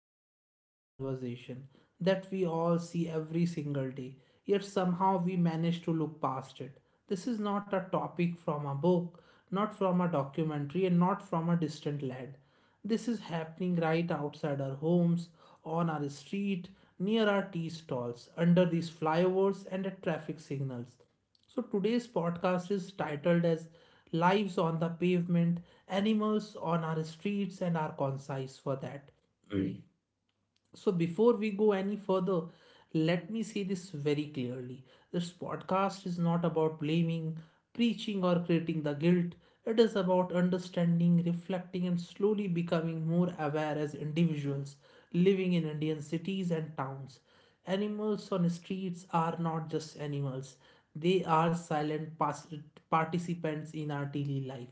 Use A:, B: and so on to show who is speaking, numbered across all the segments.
A: we are beginning a conversation that we all see every single day, yet somehow we manage to look past it. This is not a topic from a book, not from a documentary, and not from a distant land. This is happening right outside our homes, on our street, near our tea stalls, under these flyovers and at traffic signals. So today's podcast is titled as Lives on the Pavement, Animals on Our Streets, and Our Concise for that. So before we go any further, let me say this very clearly. This podcast is not about blaming, preaching, or creating the guilt. It is about understanding, reflecting, and slowly becoming more aware as individuals living in Indian cities and towns. Animals on streets are not just animals, they are participants in our daily life.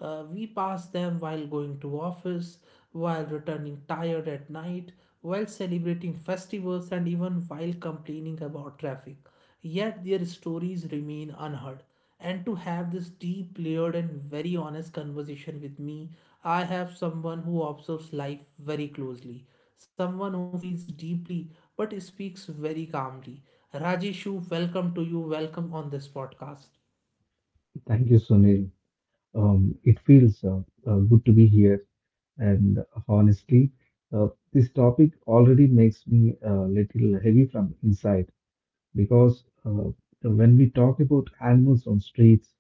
A: We pass them while going to office, while returning tired at night, while celebrating festivals, and even while complaining about traffic. Yet their stories remain unheard. And to have this deep, layered, and very honest conversation with me, I have someone who observes life very closely, someone who feels deeply but speaks very calmly. Rajeshu, welcome to you. Welcome on this podcast.
B: Thank you, Sunil. It feels good to be here. And honestly, uh, this topic already makes me a little heavy from inside because when we talk about animals on streets,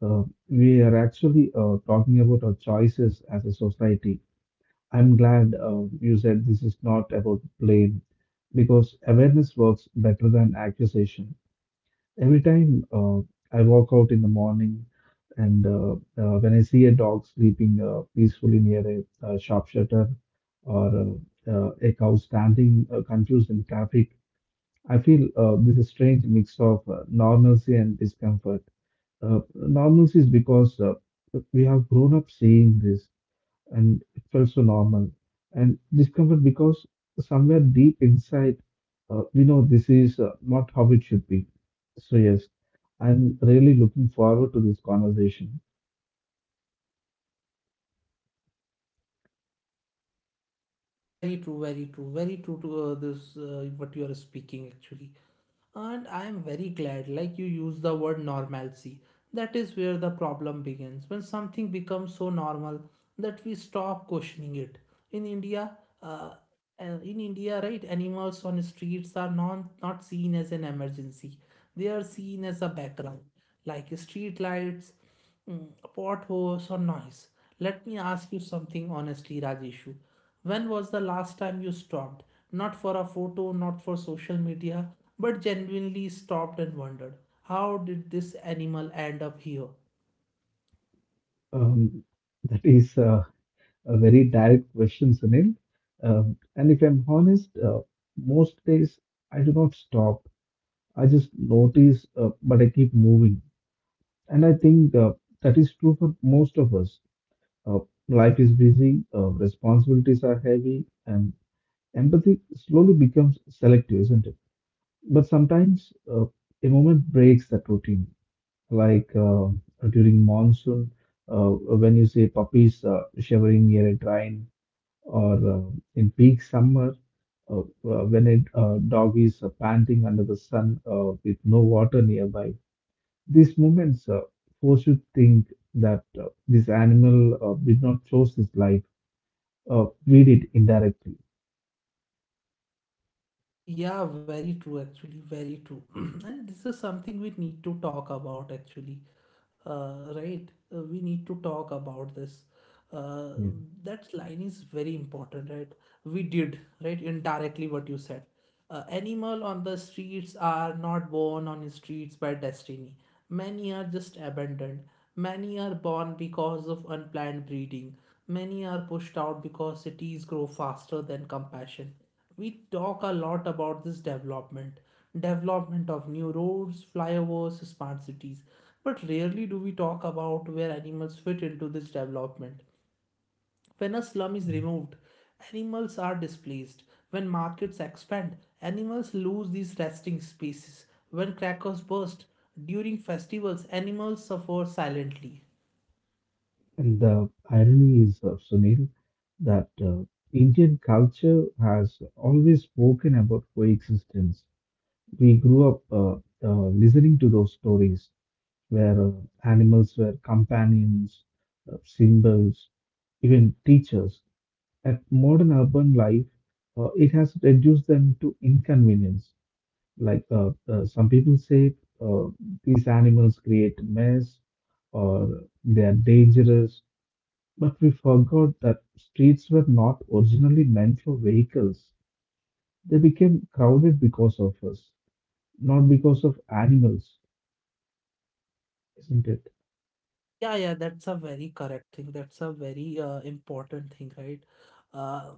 B: uh, we are actually talking about our choices as a society. I'm glad you said this is not about blame because awareness works better than accusation. Every time I walk out in the morning and when I see a dog sleeping peacefully near a, shop shutter or a cow standing confused in traffic, I feel this is strange mix of normalcy and discomfort. Normalcy is because we have grown up seeing this and it felt so normal, and discomfort because somewhere deep inside we know this is not how it should be. So yes, I'm really looking forward to this conversation.
A: Yeah, very true, very true, very true to this what you are speaking actually. And I am very glad, like you use the word normalcy. That is where the problem begins. When something becomes so normal that we stop questioning it. In India, uh, in India, right, animals on streets are non not seen as an emergency. They are seen as a background, like street lights Mm, potholes or noise. Let me ask you something honestly, Rajeshu. When was the last time you stopped? Not for a photo, not for social media, but genuinely stopped and wondered, how did this animal end up here?
B: um, that is a very direct question, Sunil. And if I'm honest, most days I do not stop. I just notice but I keep moving, and I think that is true for most of us. Uh, Life is busy, responsibilities are heavy, and empathy slowly becomes selective, isn't it? But sometimes a moment breaks that routine, like during monsoon, uh, when you see puppies shivering near a drain, or in peak summer, when a dog is panting under the sun with no water nearby. These moments force you to think that this animal did not choose this life, read it indirectly.
A: Yeah, very true, actually, very true. And this is something we need to talk about, actually. Right? We need to talk about this. Uh,
B: Yeah.
A: that line is very important, right? We did, right? Indirectly, what you said. Animal on the streets are not born on streets by destiny. Many are just abandoned. Many are born because of unplanned breeding. Many are pushed out because cities grow faster than compassion. We talk a lot about this development of new roads, flyovers, smart cities, but rarely do we talk about where animals fit into this development. When a slum is removed, animals are displaced. When markets expand, animals lose these resting spaces. When crackers burst during festivals, animals suffer silently.
B: And the irony is, Sunil, that Indian culture has always spoken about coexistence. We grew up listening to those stories where animals were companions, symbols, even teachers. At modern urban life, it has reduced them to inconvenience. Like some people say, uh, these animals create mess, or they are dangerous, but we forgot that streets were not originally meant for vehicles. They became crowded because of us, not because of animals, isn't it?
A: Yeah, yeah, that's a very correct thing. That's a very important thing, right? uh,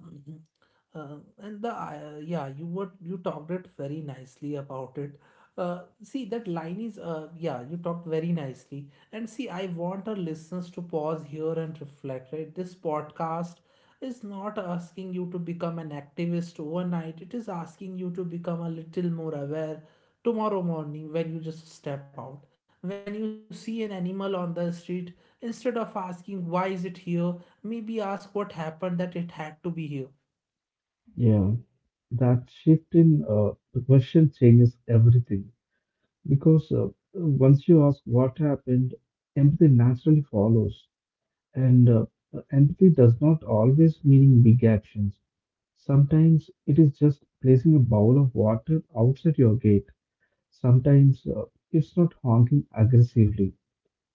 A: Uh and the Yeah, you what you talked it very nicely about it. uh, See, that line is, yeah, you talked very nicely. And see, I want our listeners to pause here and reflect, right? This podcast is not asking you to become an activist overnight. It is asking you to become a little more aware. Tomorrow morning, when you just step out, when you see an animal on the street, instead of asking why is it here, maybe ask what happened that it had to be here.
B: Yeah, that shift in the question changes everything because once you ask what happened, empathy naturally follows, and empathy does not always mean big actions. Sometimes it is just placing a bowl of water outside your gate. Sometimes it's not honking aggressively.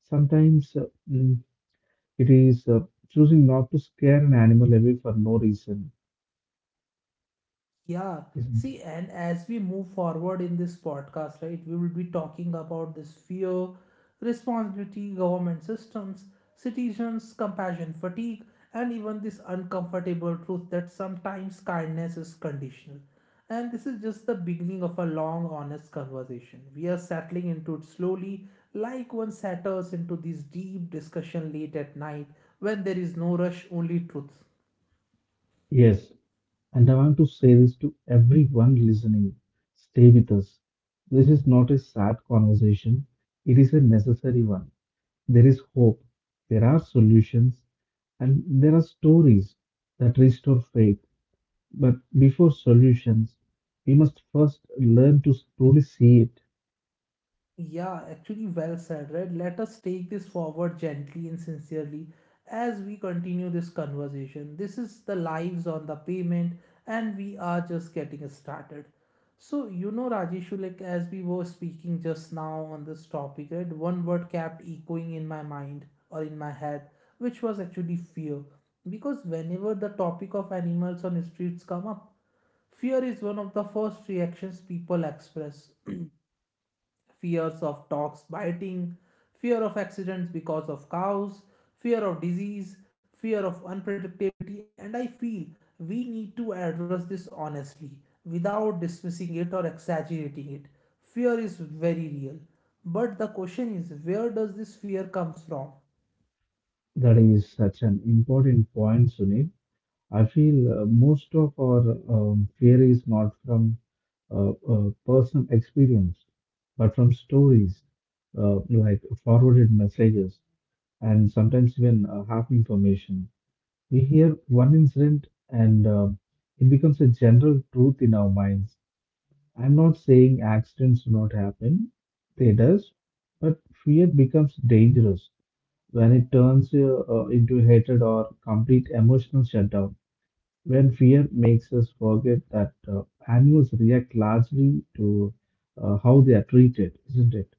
B: Sometimes mm, it is choosing not to scare an animal away for no reason,
A: Yeah,
B: isn't it?
A: see, and as we move forward in this podcast, right, we will be talking about this fear, responsibility, government systems, citizens, compassion fatigue, and even this uncomfortable truth that sometimes kindness is conditional. And this is just the beginning of a long, honest conversation. We are settling into it slowly, like one settles into this deep discussion late at night when there is no rush, only truth.
B: Yes, and I want to say this to everyone listening. Stay with us. This is not a sad conversation, it is a necessary one. There is hope, there are solutions, and there are stories that restore faith. But before solutions, we must first learn to truly see it.
A: Yeah, actually, well said, right? Let us take this forward gently and sincerely as we continue this conversation. This is the Lives on the Pavement, and we are just getting started. So, Rajeshu, like as we were speaking just now on this topic, right? One word kept echoing in my mind or in my head, which was actually fear. Because whenever the topic of animals on streets come up, fear is one of the first reactions people express: fears of dogs biting, fear of accidents because of cows, fear of disease, fear of unpredictability, and I feel we need to address this honestly without dismissing it or exaggerating it. Fear is very real. But the question is, where does this fear comes from?
B: That is such an important point, Sunil. I feel most of our fear is not from personal experience, but from stories like forwarded messages, and sometimes even half information. We hear one incident and it becomes a general truth in our minds. I'm not saying accidents do not happen, they does, but fear becomes dangerous when it turns into hatred or complete emotional shutdown. When fear makes us forget that animals react largely to how they are treated, isn't it?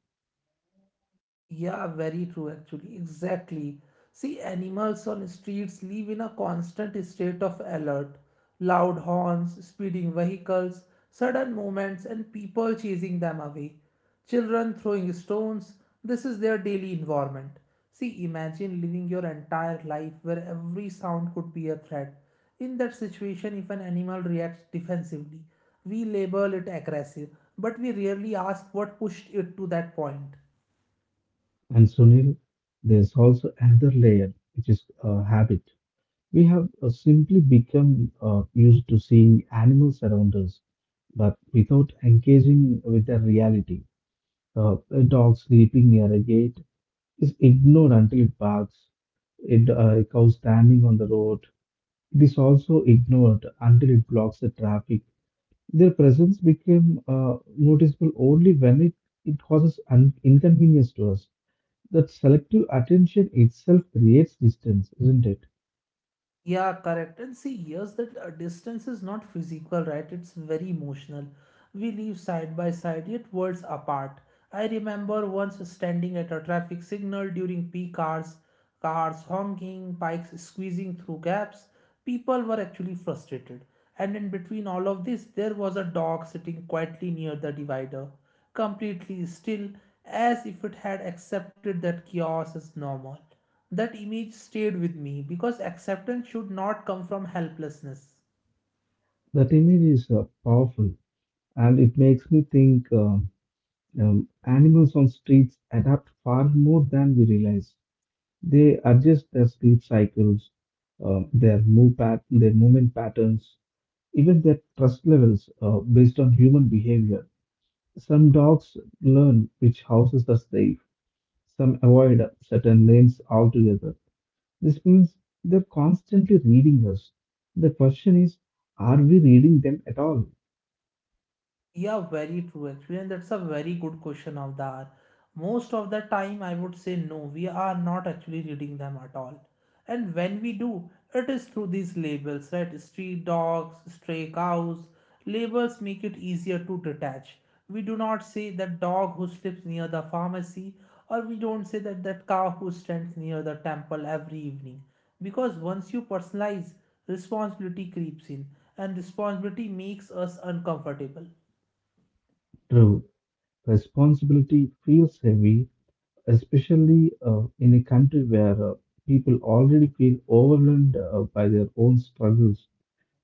A: Yeah, very true, actually. Exactly. See, animals on streets live in a constant state of alert. Loud horns, speeding vehicles, sudden movements, and people chasing them away. Children throwing stones, this is their daily environment. See, imagine living your entire life where every sound could be a threat. In that situation, if an animal reacts defensively, we label it aggressive, but we rarely ask what pushed it to that point.
B: And Sunil, there's also another layer, which is habit. We have simply become used to seeing animals around us, but without engaging with the reality. A dog sleeping near a gate is ignored until it barks. It, a cow standing on the road. It is also ignored until it blocks the traffic. Their presence became noticeable only when it causes inconvenience to us. That selective attention itself creates distance, isn't it?
A: Yeah, correct. And see, here's that distance is not physical, right? It's very emotional. We live side by side, yet worlds apart. I remember once standing at a traffic signal during peak hours, cars honking, bikes squeezing through gaps. People were actually frustrated. And in between all of this, there was a dog sitting quietly near the divider, completely still, as if it had accepted that chaos is normal. That image stayed with me because acceptance should not come from helplessness.
B: That image is powerful, and it makes me think animals on streets adapt far more than we realize. They adjust their sleep cycles, their their movement patterns, even their trust levels based on human behavior. Some dogs learn which houses are safe. Some avoid certain lanes altogether. This means they're constantly reading us. The question is, are we reading them at all?
A: Yeah, very true actually, and that's a very good question of the hour. Most of the time, I would say no, we are not actually reading them at all. And when we do, it is through these labels, right? Street dogs, stray cows. Labels make it easier to detach. We do not say that dog who sleeps near the pharmacy, or we don't say that cow who stands near the temple every evening. Because once you personalize, responsibility creeps in, and responsibility makes us uncomfortable.
B: True, responsibility feels heavy, especially in a country where people already feel overwhelmed by their own struggles.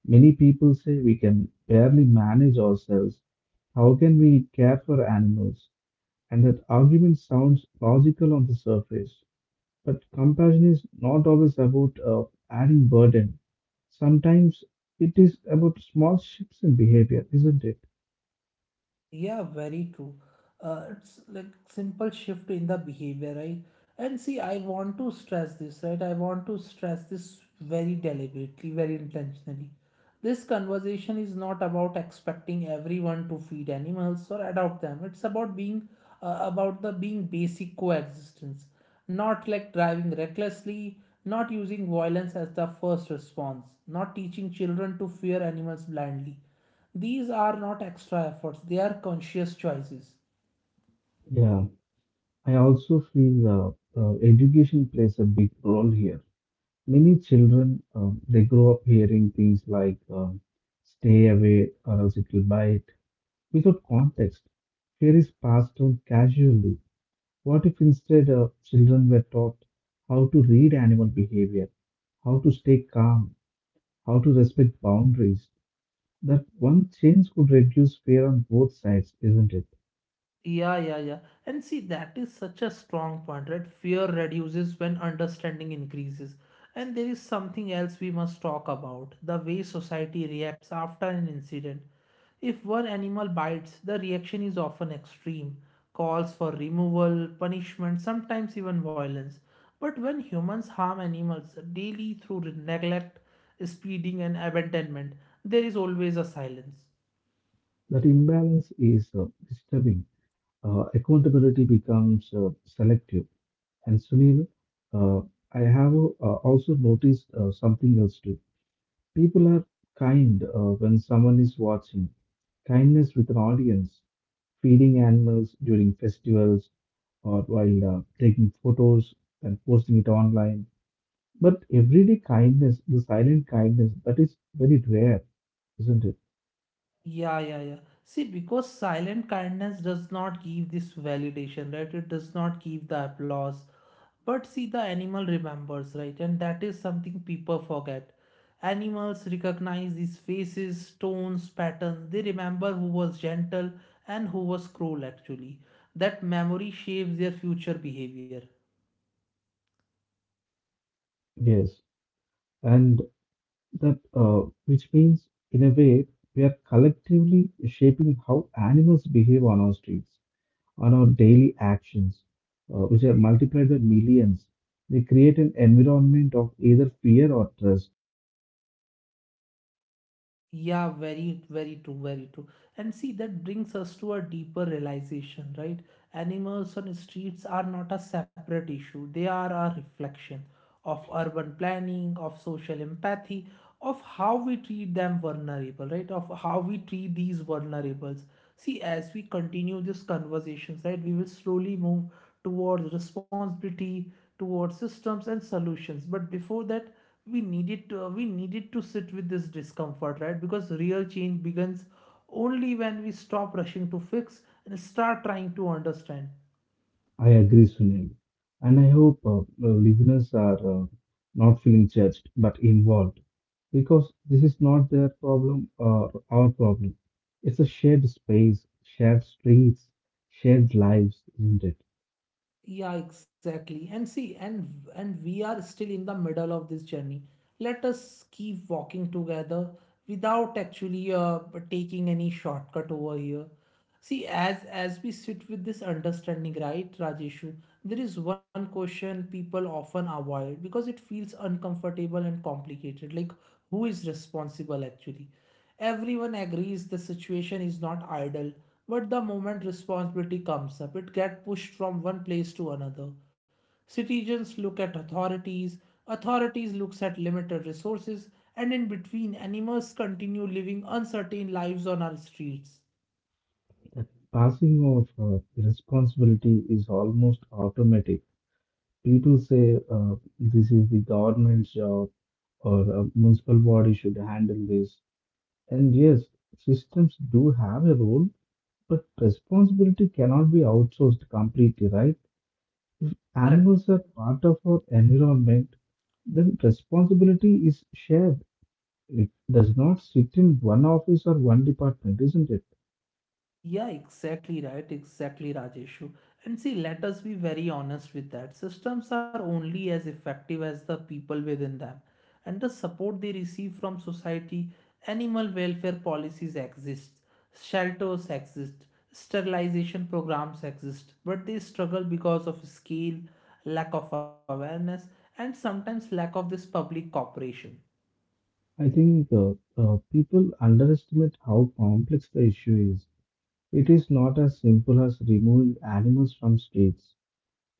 B: Many people say we can barely manage ourselves. How can we care for animals? And that argument sounds logical on the surface. But compassion is not always about adding burden. Sometimes it is about small shifts in behavior, isn't it?
A: Yeah, very true. It's like simple shift in the behavior, right? And see, I want to stress this, right? I want to stress this very deliberately, very intentionally. This conversation is not about expecting everyone to feed animals or adopt them. It's about being about the being basic coexistence, not like driving recklessly, not using violence as the first response, not teaching children to fear animals blindly. These are not extra efforts, they are conscious choices.
B: Yeah, I also feel education plays a big role here. Many children they grow up hearing things like "stay away" or "else it will bite" without context. Fear is passed on casually. What if instead children were taught how to read animal behavior, how to stay calm, how to respect boundaries? That one change could reduce fear on both sides, isn't it?
A: Yeah, yeah, yeah. And see, that is such a strong point, right? Fear reduces when understanding increases. And there is something else we must talk about: the way society reacts after an incident. If one animal bites, the reaction is often extreme: calls for removal, punishment, sometimes even violence. But when humans harm animals daily through neglect, speeding, and abandonment, there is always a silence.
B: That imbalance is disturbing. Accountability becomes selective. And Sunil, uh, I have also noticed something else too. People are kind when someone is watching. Kindness with an audience, feeding animals during festivals or while taking photos and posting it online. But everyday kindness, the silent kindness, that is very rare, isn't it?
A: Yeah, yeah, yeah. See, because silent kindness does not give this validation, right? It does not give the applause. But see, the animal remembers, right? And that is something people forget. Animals recognize these faces, tones, patterns. They remember who was gentle and who was cruel, actually. That memory shapes their future behavior.
B: Yes. And that, which means, in a way, we are collectively shaping how animals behave on our streets, on our daily actions, which are multiplied by millions. They create an environment of either fear or trust.
A: Yeah, very, very true, very true. And see, that brings us to a deeper realization, right? Animals on streets are not a separate issue, they are a reflection of urban planning, of social empathy, of how we treat them vulnerable, right? Of how we treat these vulnerables. See, as we continue these conversations, right, we will slowly move towards responsibility, towards systems and solutions. But before that, we needed to sit with this discomfort, right? Because real change begins only when we stop rushing to fix and start trying to understand.
B: I agree, Sunil. And I hope listeners are not feeling judged but involved, because this is not their problem or our problem. It's a shared space, shared streets, shared lives, isn't it?
A: Yeah, exactly. And see, and we are still in the middle of this journey. Let us keep walking together without actually taking any shortcut over here. See, as we sit with this understanding, right, Rajeshu, there is one question people often avoid because it feels uncomfortable and complicated. Like, who is responsible actually? Everyone agrees the situation is not ideal, but the moment responsibility comes up, it gets pushed from one place to another. Citizens look at authorities, authorities looks at limited resources, and in between, animals continue living uncertain lives on our streets.
B: Passing of responsibility is almost automatic. People say this is the government's job, or a municipal body should handle this. And yes, systems do have a role, but responsibility cannot be outsourced completely, right? If
A: Correct.
B: animals are part of our environment, then responsibility is shared. It does not sit in one office or one department, isn't it?
A: Yeah, exactly right, exactly Rajeshu. And see, let us be very honest with that. Systems are only as effective as the people within them and the support they receive from society. Animal welfare policies exist, shelters exist, sterilization programs exist, but they struggle because of scale, lack of awareness, and sometimes lack of this public cooperation.
B: I think people underestimate how complex the issue is. It is not as simple as removing animals from streets.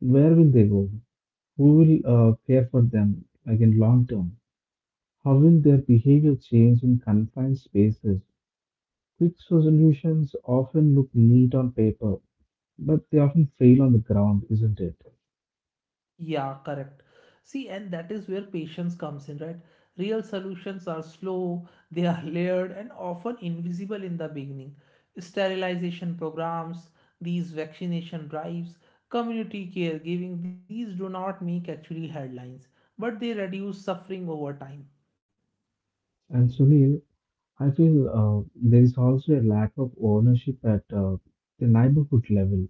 B: Where will they go? Who will care for them again long term? How will their behavior change in confined spaces? Quick solutions often look neat on paper, but they often fail on the ground, isn't it?
A: Yeah, correct. See, and that is where patience comes in, right? Real solutions are slow, they are layered, and often invisible in the beginning. Sterilization programs, these vaccination drives, community caregiving, these do not make actually headlines, but they reduce suffering over time.
B: And Sunil, I feel there is also a lack of ownership at the neighborhood level.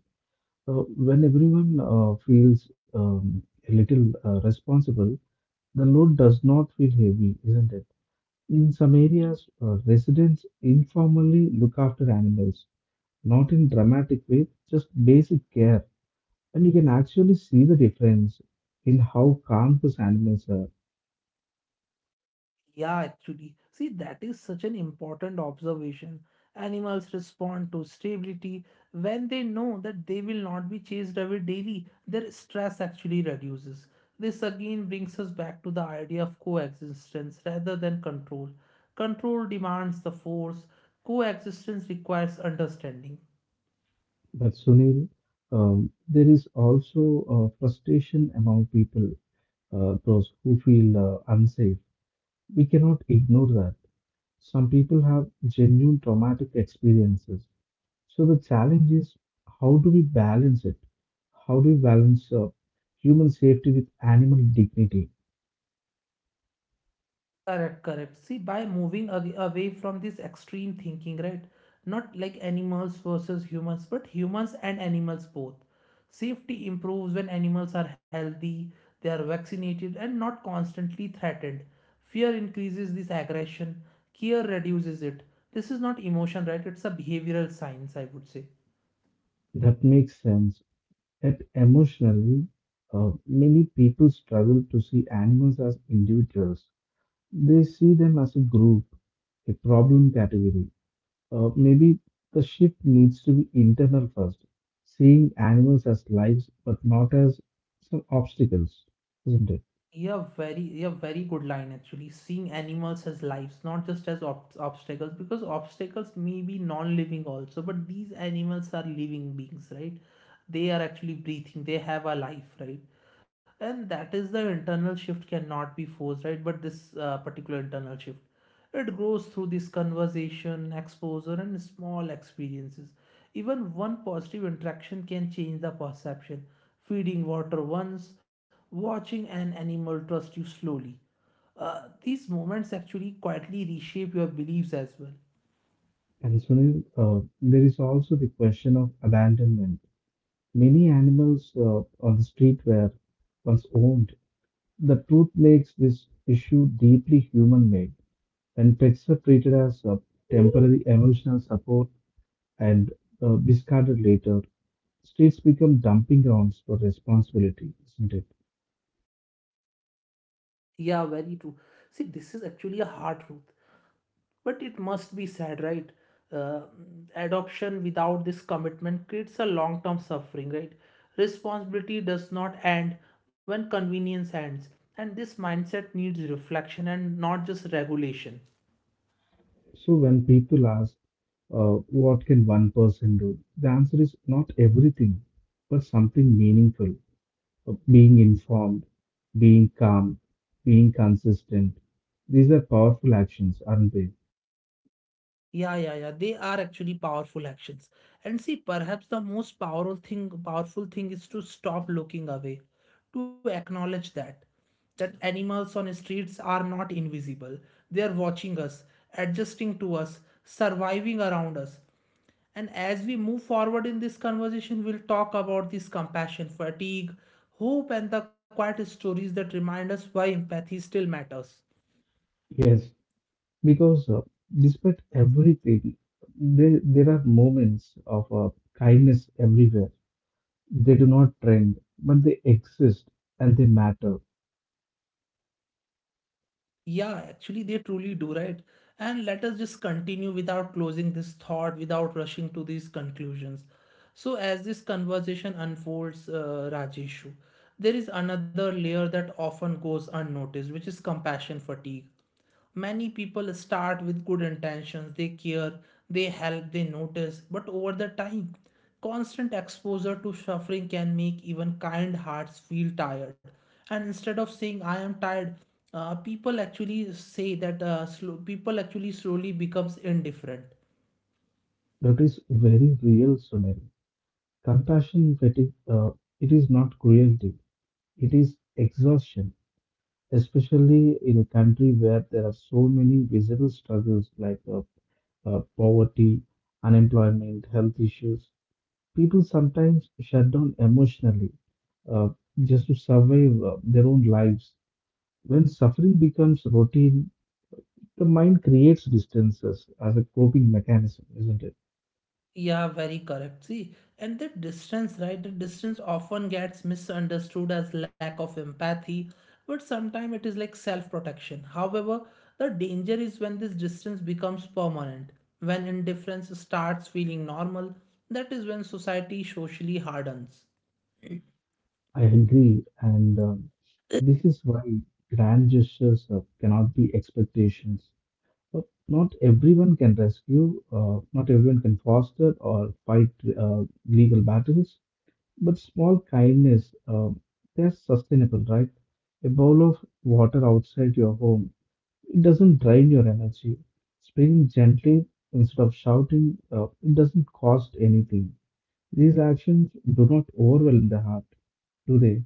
B: So when everyone feels a little responsible, the load does not feel heavy, isn't it? In some areas, residents informally look after animals, not in dramatic way, just basic care. And you can actually see the difference in how calm those animals are.
A: Yeah, actually. See, that is such an important observation. Animals respond to stability when they know that they will not be chased away daily. Their stress actually reduces. This again brings us back to the idea of coexistence rather than control. Control demands the force, coexistence requires understanding.
B: But Sunil, there is also frustration among people, those who feel unsafe. We cannot ignore that. Some people have genuine traumatic experiences. So the challenge is, how do we balance it? How do we balance human safety with animal dignity?
A: Correct, correct. See, by moving away from this extreme thinking, right? Not like animals versus humans, but humans and animals both. Safety improves when animals are healthy, they are vaccinated, and not constantly threatened. Fear increases this aggression, care reduces it. This is not emotion, right? It's a behavioral science, I would say.
B: That makes sense. Yet emotionally, many people struggle to see animals as individuals. They see them as a group, a problem category. Maybe the shift needs to be internal first, seeing animals as lives but not as some obstacles, isn't it?
A: Yeah, very, yeah, very good line actually. Seeing animals as lives, not just as obstacles, because obstacles may be non-living also, but these animals are living beings, right? They are actually breathing. They have a life, right? And that is the internal shift cannot be forced, right? But this particular internal shift. It grows through this conversation, exposure, and small experiences. Even one positive interaction can change the perception. Feeding water once, watching an animal trust you slowly. These moments actually quietly reshape your beliefs as well.
B: And so, Sunil, there is also the question of abandonment. Many animals on the street were once owned. The truth makes this issue deeply human made. When pets are treated as temporary emotional support and discarded later, streets become dumping grounds for responsibility, isn't it?
A: Yeah, very true. See, this is actually a hard truth, but it must be said, right? uh, Adoption without this commitment creates a long term suffering, right? Responsibility does not end when convenience ends, and this mindset needs reflection and not just regulation.
B: So when people ask, what can one person do? The answer is not everything, but something meaningful. Being informed, being calm, being consistent. These are powerful actions, aren't they?
A: Yeah, yeah, yeah. They are actually powerful actions. And see, perhaps the most powerful thing is to stop looking away, to acknowledge that animals on streets are not invisible. They are watching us, adjusting to us, surviving around us. And as we move forward in this conversation, we'll talk about this compassion, fatigue, hope, and the quiet stories that remind us why empathy still matters.
B: Yes, because despite everything, there are moments of kindness everywhere. They do not trend, but they exist and they matter.
A: Yeah, actually, they truly do, right? And let us just continue without closing this thought, without rushing to these conclusions. So, as this conversation unfolds, Rajeshu, there is another layer that often goes unnoticed, which is compassion fatigue. Many people start with good intentions, they care, they help, they notice, but over the time, constant exposure to suffering can make even kind hearts feel tired. And instead of saying, I am tired, people actually slowly becomes indifferent.
B: That is very real, Sunil. Compassion fatigue, it is not cruelty, it is exhaustion, especially in a country where there are so many visible struggles like poverty, unemployment, health issues. People sometimes shut down emotionally uh, just to survive their own lives. When suffering becomes routine, the mind creates distances as a coping mechanism, isn't it?
A: Yeah, very correct. See, and the distance, right? The distance often gets misunderstood as lack of empathy, but sometimes it is like self protection. However, the danger is when this distance becomes permanent, when indifference starts feeling normal, that is when society socially hardens.
B: I agree. And this is why grand gestures cannot be expectations. Uh, Not everyone can rescue, not everyone can foster or fight uh, legal battles, but small kindness, they're sustainable, right? A bowl of water outside your home, it doesn't drain your energy. Speaking gently instead of shouting, it doesn't cost anything. These actions do not overwhelm the heart, do they?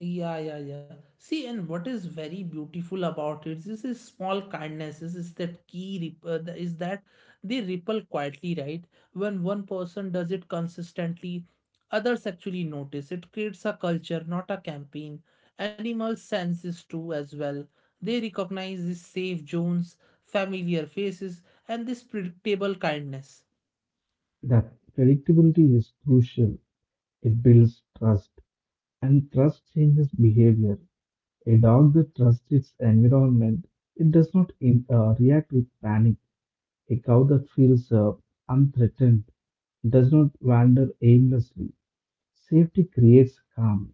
A: Yeah, yeah, yeah. See, and what is very beautiful about it is this small kindnesses is that they ripple quietly, right? When one person does it consistently, others actually notice. It creates a culture, not a campaign. Animals sense this too as well. They recognize these safe zones, familiar faces, and this predictable kindness.
B: That predictability is crucial. It builds trust, and trust changes behavior. A dog that trusts its environment, it does not react with panic. A cow that feels unthreatened does not wander aimlessly. Safety creates calm.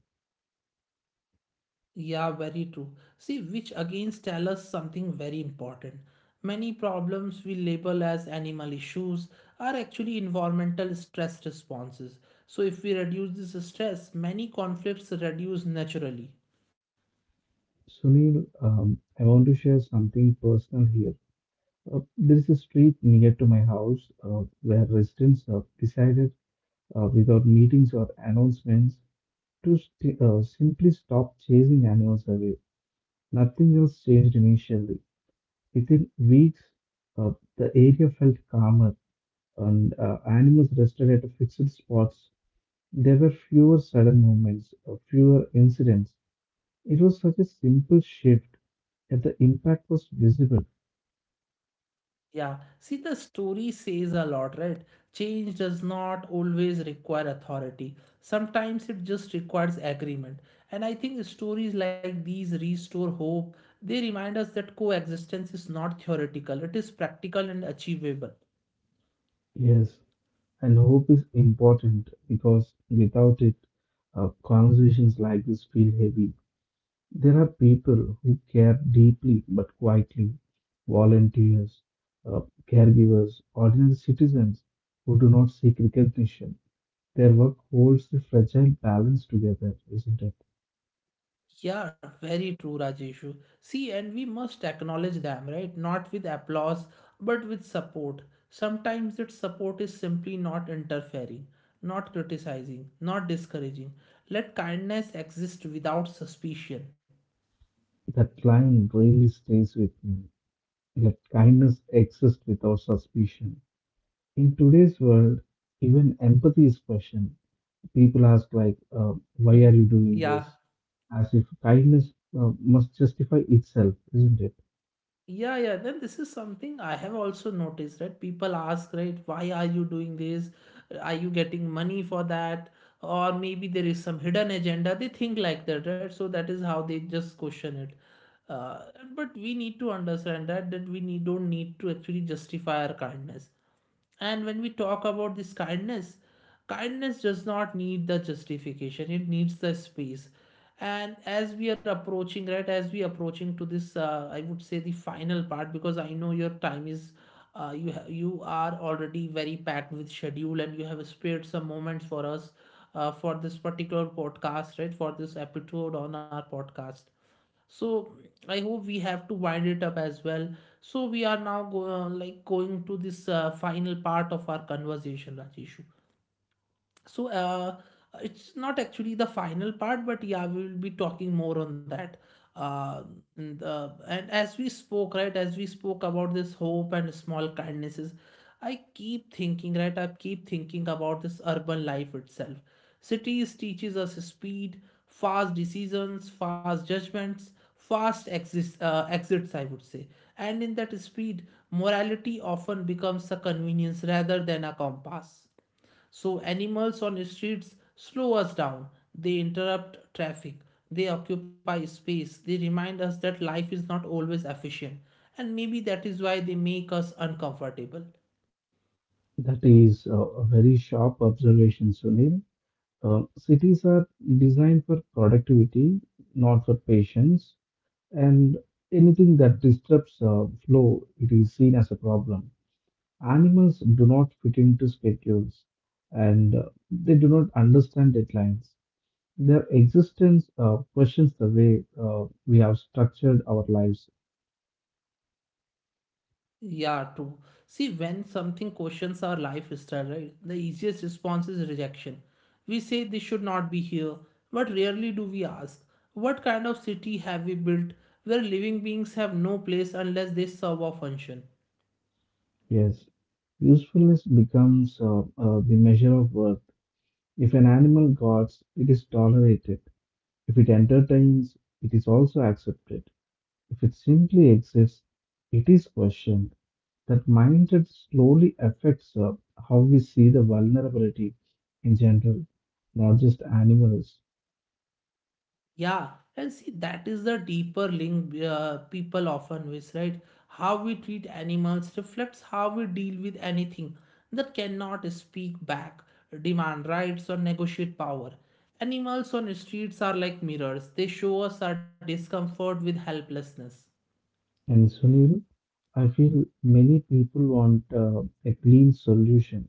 A: Yeah, very true. See, which again tell us something very important. Many problems we label as animal issues are actually environmental stress responses. So, if we reduce this stress, many conflicts reduce naturally.
B: Sunil, I want to share something personal here. There is a street near to my house where residents have decided, without meetings or announcements, to simply stop chasing animals away. Nothing else changed initially. Within weeks, uh, the area felt calmer and animals rested at fixed spots. There were fewer sudden movements, fewer incidents. It was such a simple shift, yet the impact was visible.
A: Yeah, see, the story says a lot, right? Change does not always require authority. Sometimes it just requires agreement. And I think stories like these restore hope. They remind us that coexistence is not theoretical, it is practical and achievable.
B: Yes, and hope is important because without it, conversations like this feel heavy. There are people who care deeply but quietly, volunteers, uh, caregivers, ordinary citizens who do not seek recognition. Their work holds the fragile balance together, isn't it?
A: Yeah, very true, Rajeshu. See, and we must acknowledge them, right? Not with applause, but with support. Sometimes that support is simply not interfering, not criticizing, not discouraging. Let kindness exist without suspicion.
B: That line really stays with me. Let kindness exist without suspicion. In today's world, even empathy is questioned. People ask like, "Why are you doing
A: Yeah.
B: this?" As if kindness must justify itself, isn't it?
A: Yeah, yeah. Then this is something I have also noticed, right? People ask, right, why are you doing this? Are you getting money for that? Or maybe there is some hidden agenda. They think like that, right? So that is how they just question it. Uh, but we need to understand that we don't need to actually justify our kindness. And when we talk about this kindness, kindness does not need the justification, it needs the space. And as we are approaching, right, as we approaching to this, I would say the final part, because I know your time is, you are already very packed with schedule and you have spared some moments for us for this particular podcast, right, for this episode on our podcast, so I hope we have to wind it up as well. So we are now like going to this final part of our conversation, Rajesh. so uh, it's not actually the final part, but yeah, we will be talking more on that. uh, and as we spoke, right, as we spoke about this hope and small kindnesses, I keep thinking about this urban life itself. Cities teaches us speed, fast decisions, fast judgments, fast exits, I would say. And in that speed, morality often becomes a convenience rather than a compass. So animals on streets slow us down. They interrupt traffic. They occupy space. They remind us that life is not always efficient. And maybe that is why they make us uncomfortable.
B: That is a very sharp observation, Sunil. Cities are designed for productivity, not for patience, and anything that disrupts flow, it is seen as a problem. Animals do not fit into schedules, and they do not understand deadlines. Their existence questions the way we have structured our lives.
A: Yeah, true. See, when something questions our lifestyle, right, the easiest response is rejection. We say they should not be here, but rarely do we ask, what kind of city have we built where living beings have no place unless they serve a function?
B: Yes, usefulness becomes the measure of worth. If an animal guards, it is tolerated. If it entertains, it is also accepted. If it simply exists, it is questioned. That mindset slowly affects how we see the vulnerability in general, not just animals.
A: Yeah, and see, that is the deeper link people often miss, right? How we treat animals reflects how we deal with anything that cannot speak back, demand rights, or negotiate power. Animals on streets are like mirrors, they show us our discomfort with helplessness.
B: And Sunil, I feel many people want a clean solution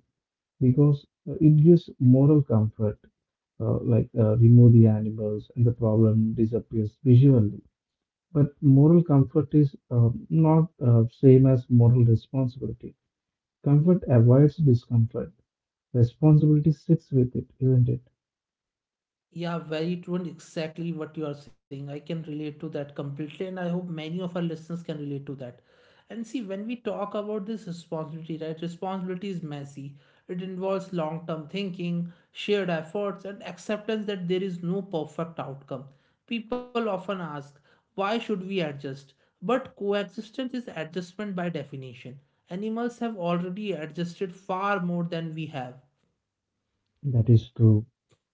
B: because it gives moral comfort, like remove the animals and the problem disappears visually. But moral comfort is not same as moral responsibility. Comfort avoids discomfort. Responsibility sits with it, isn't it?
A: Yeah, very true, and exactly what you are saying. I can relate to that completely, and I hope many of our listeners can relate to that. And see, when we talk about this responsibility, right, responsibility is messy. It involves long term thinking, shared efforts, and acceptance that there is no perfect outcome. People often ask, why should we adjust? But coexistence is adjustment by definition. Animals have already adjusted far more than we have.
B: That is true.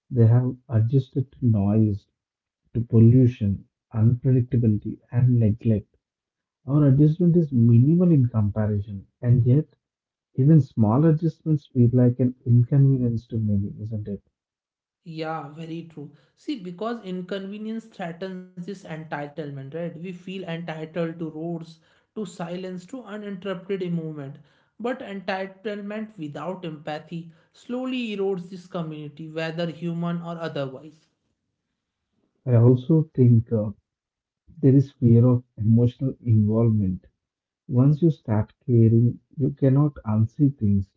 B: They have adjusted to noise, to pollution, unpredictability, and neglect. Our adjustment is minimal in comparison, and yet even small adjustments feel like an inconvenience to many, isn't it?
A: Yeah, very true. See, because inconvenience threatens this entitlement, right? We feel entitled to roads, to silence, to uninterrupted movement. But entitlement without empathy slowly erodes this community, whether human or otherwise.
B: I also think there is fear of emotional involvement. Once you start caring, you cannot unsee things.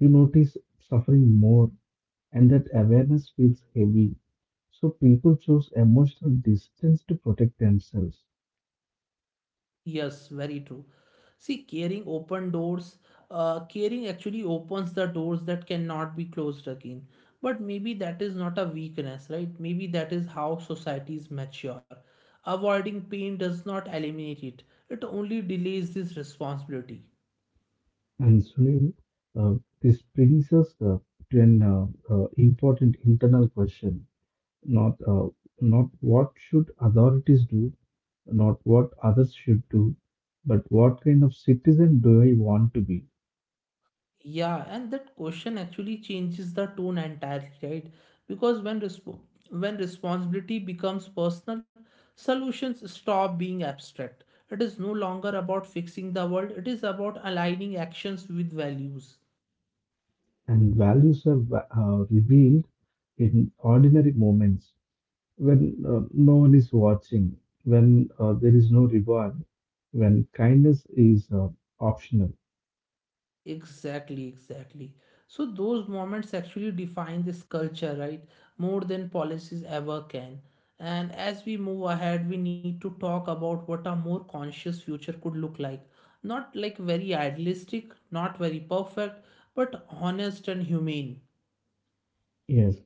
B: You notice suffering more, and that awareness feels heavy. So people choose emotional distance to protect themselves.
A: Yes, very true. See, caring open doors. Caring actually opens the doors that cannot be closed again. But maybe that is not a weakness, right? Maybe that is how societies mature. Avoiding pain does not eliminate it, it only delays this responsibility.
B: And Sunil, uh, this brings us to an important internal question: not uh, not what should authorities do, not what others should do, but what kind of citizen do I want to be?
A: Yeah, and that question actually changes the tone entirely, right? Because when responsibility becomes personal, solutions stop being abstract. It is no longer about fixing the world, it is about aligning actions with values.
B: And values are revealed in ordinary moments when no one is watching, when there is no reward, when kindness is optional.
A: Exactly, exactly. So those moments actually define this culture, right? More than policies ever can. And as we move ahead, we need to talk about what a more conscious future could look like. Not like very idealistic, not very perfect, but honest and humane.
B: Yes,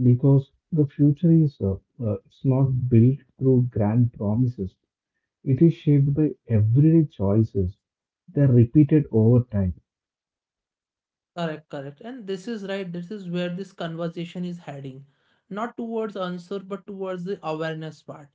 B: because the future is it's not built through grand promises. It is shaped by everyday choices. They are repeated over time.
A: Correct, correct. And this is right, this is where this conversation is heading. Not towards answer, but towards the awareness part.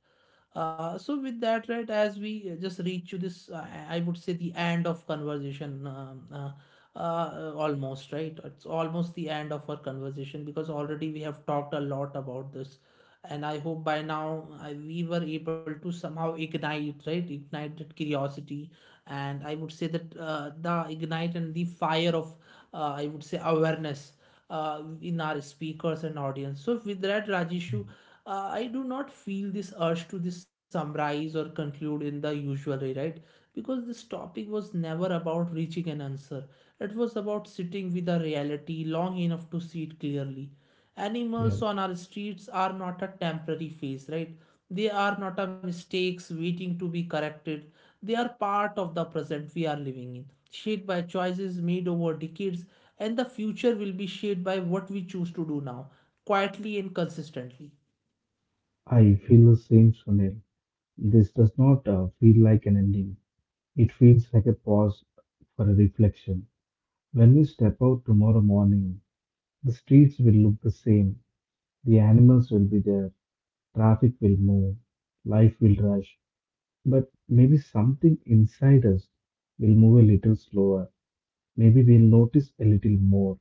A: So with that, right, as we just reach to this, I would say the end of conversation, almost, right? It's almost the end of our conversation, because already we have talked a lot about this, and I hope by now we were able to somehow ignite, right? Ignite that curiosity, and I would say that the ignite and the fire of, I would say awareness in our speakers and audience. So with that, Rajeshu, I do not feel this urge to this summarize or conclude in the usual way, right? Because this topic was never about reaching an answer. It was about sitting with a reality long enough to see it clearly.
B: Yeah,
A: Animals on our streets are not a temporary phase, right? They are not a mistakes waiting to be corrected. They are part of the present we are living in, shaped by choices made over decades, and the future will be shaped by what we choose to do now, quietly and consistently.
B: I feel the same, Sunil. This does not feel like an ending. It feels like a pause for a reflection. When we step out tomorrow morning, the streets will look the same. The animals will be there. Traffic will move. Life will rush. But maybe something inside us will move a little slower. Maybe we'll notice a little more.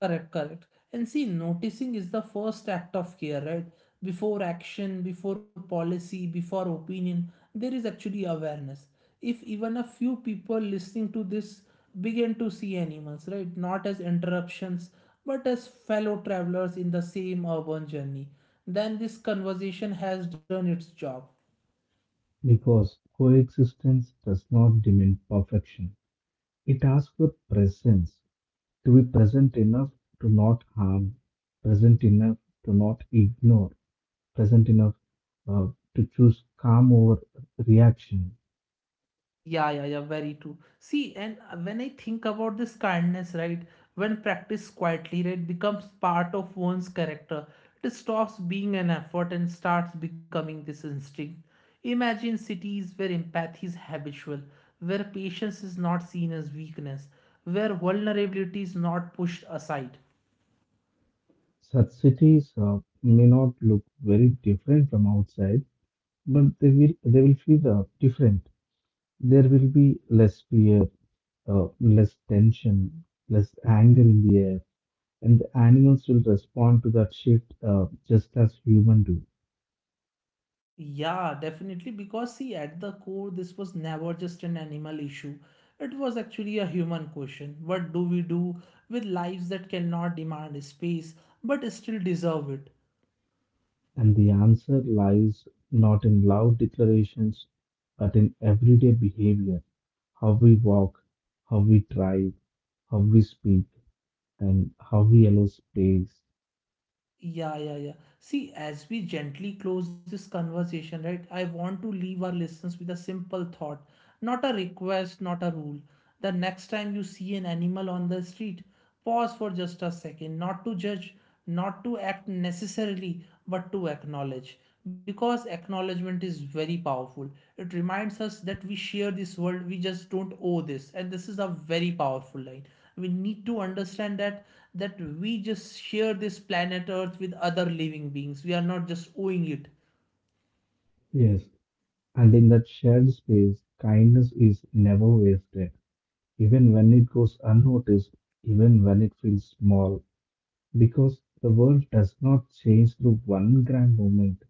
A: Correct, correct. And see, noticing is the first act of care, right? Before action, before policy, before opinion, there is actually awareness. If even a few people listening to this begin to see animals, right, not as interruptions, but as fellow travelers in the same urban journey, then this conversation has done its job.
B: Because coexistence does not demand perfection. It asks for presence. To be present enough to not harm. Present enough to not ignore. Present enough uh, to choose calm over reaction.
A: Yeah, yeah, yeah, very true. See, and when I think about this kindness, right, when practiced quietly, right, it becomes part of one's character. It stops being an effort and starts becoming this instinct. Imagine cities where empathy is habitual, where patience is not seen as weakness, where vulnerability is not pushed aside.
B: Such cities may not look very different from outside, but they will feel different. There will be less fear, less tension, less anger in the air, and the animals will respond to that shift just as humans do.
A: Yeah, definitely. Because, see, at the core, this was never just an animal issue. It was actually a human question. What do we do with lives that cannot demand space but still deserve it?
B: And the answer lies not in loud declarations, but in everyday behavior, how we walk, how we drive, how we speak, and how we allow space.
A: Yeah, yeah, yeah. See, as we gently close this conversation, right, I want to leave our listeners with a simple thought, not a request, not a rule. The next time you see an animal on the street, pause for just a second, not to judge, not to act necessarily, but to acknowledge. Because acknowledgement is very powerful. It reminds us that we share this world, we just don't owe this. And this is a very powerful line, we need to understand that that we just share this planet earth with other living beings, we are not just owing it.
B: Yes, and in that shared space, kindness is never wasted, even when it goes unnoticed, even when it feels small, because the world does not change through one grand moment,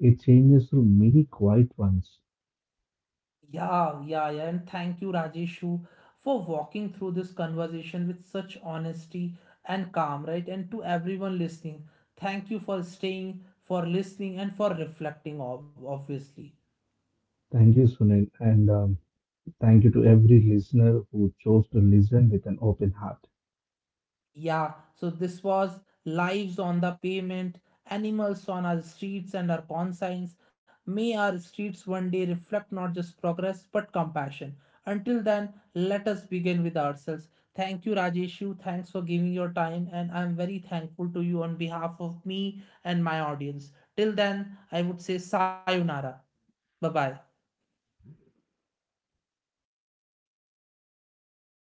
B: it changes through many quiet ones.
A: Yeah, yeah, yeah, and thank you, Rajeshu, for walking through this conversation with such honesty and calm, right? And to everyone listening, thank you for staying, for listening, and for reflecting, obviously.
B: Thank you, Sunil, and thank you to every listener who chose to listen with an open heart.
A: Yeah, so this was lives on the pavement, animals on our streets and our consigns. May our streets one day reflect not just progress but compassion. Until then, let us begin with ourselves. Thank you, Rajeshu. Thanks for giving your time, and I'm very thankful to you on behalf of me and my audience. Till then, I would say sayonara. Bye bye.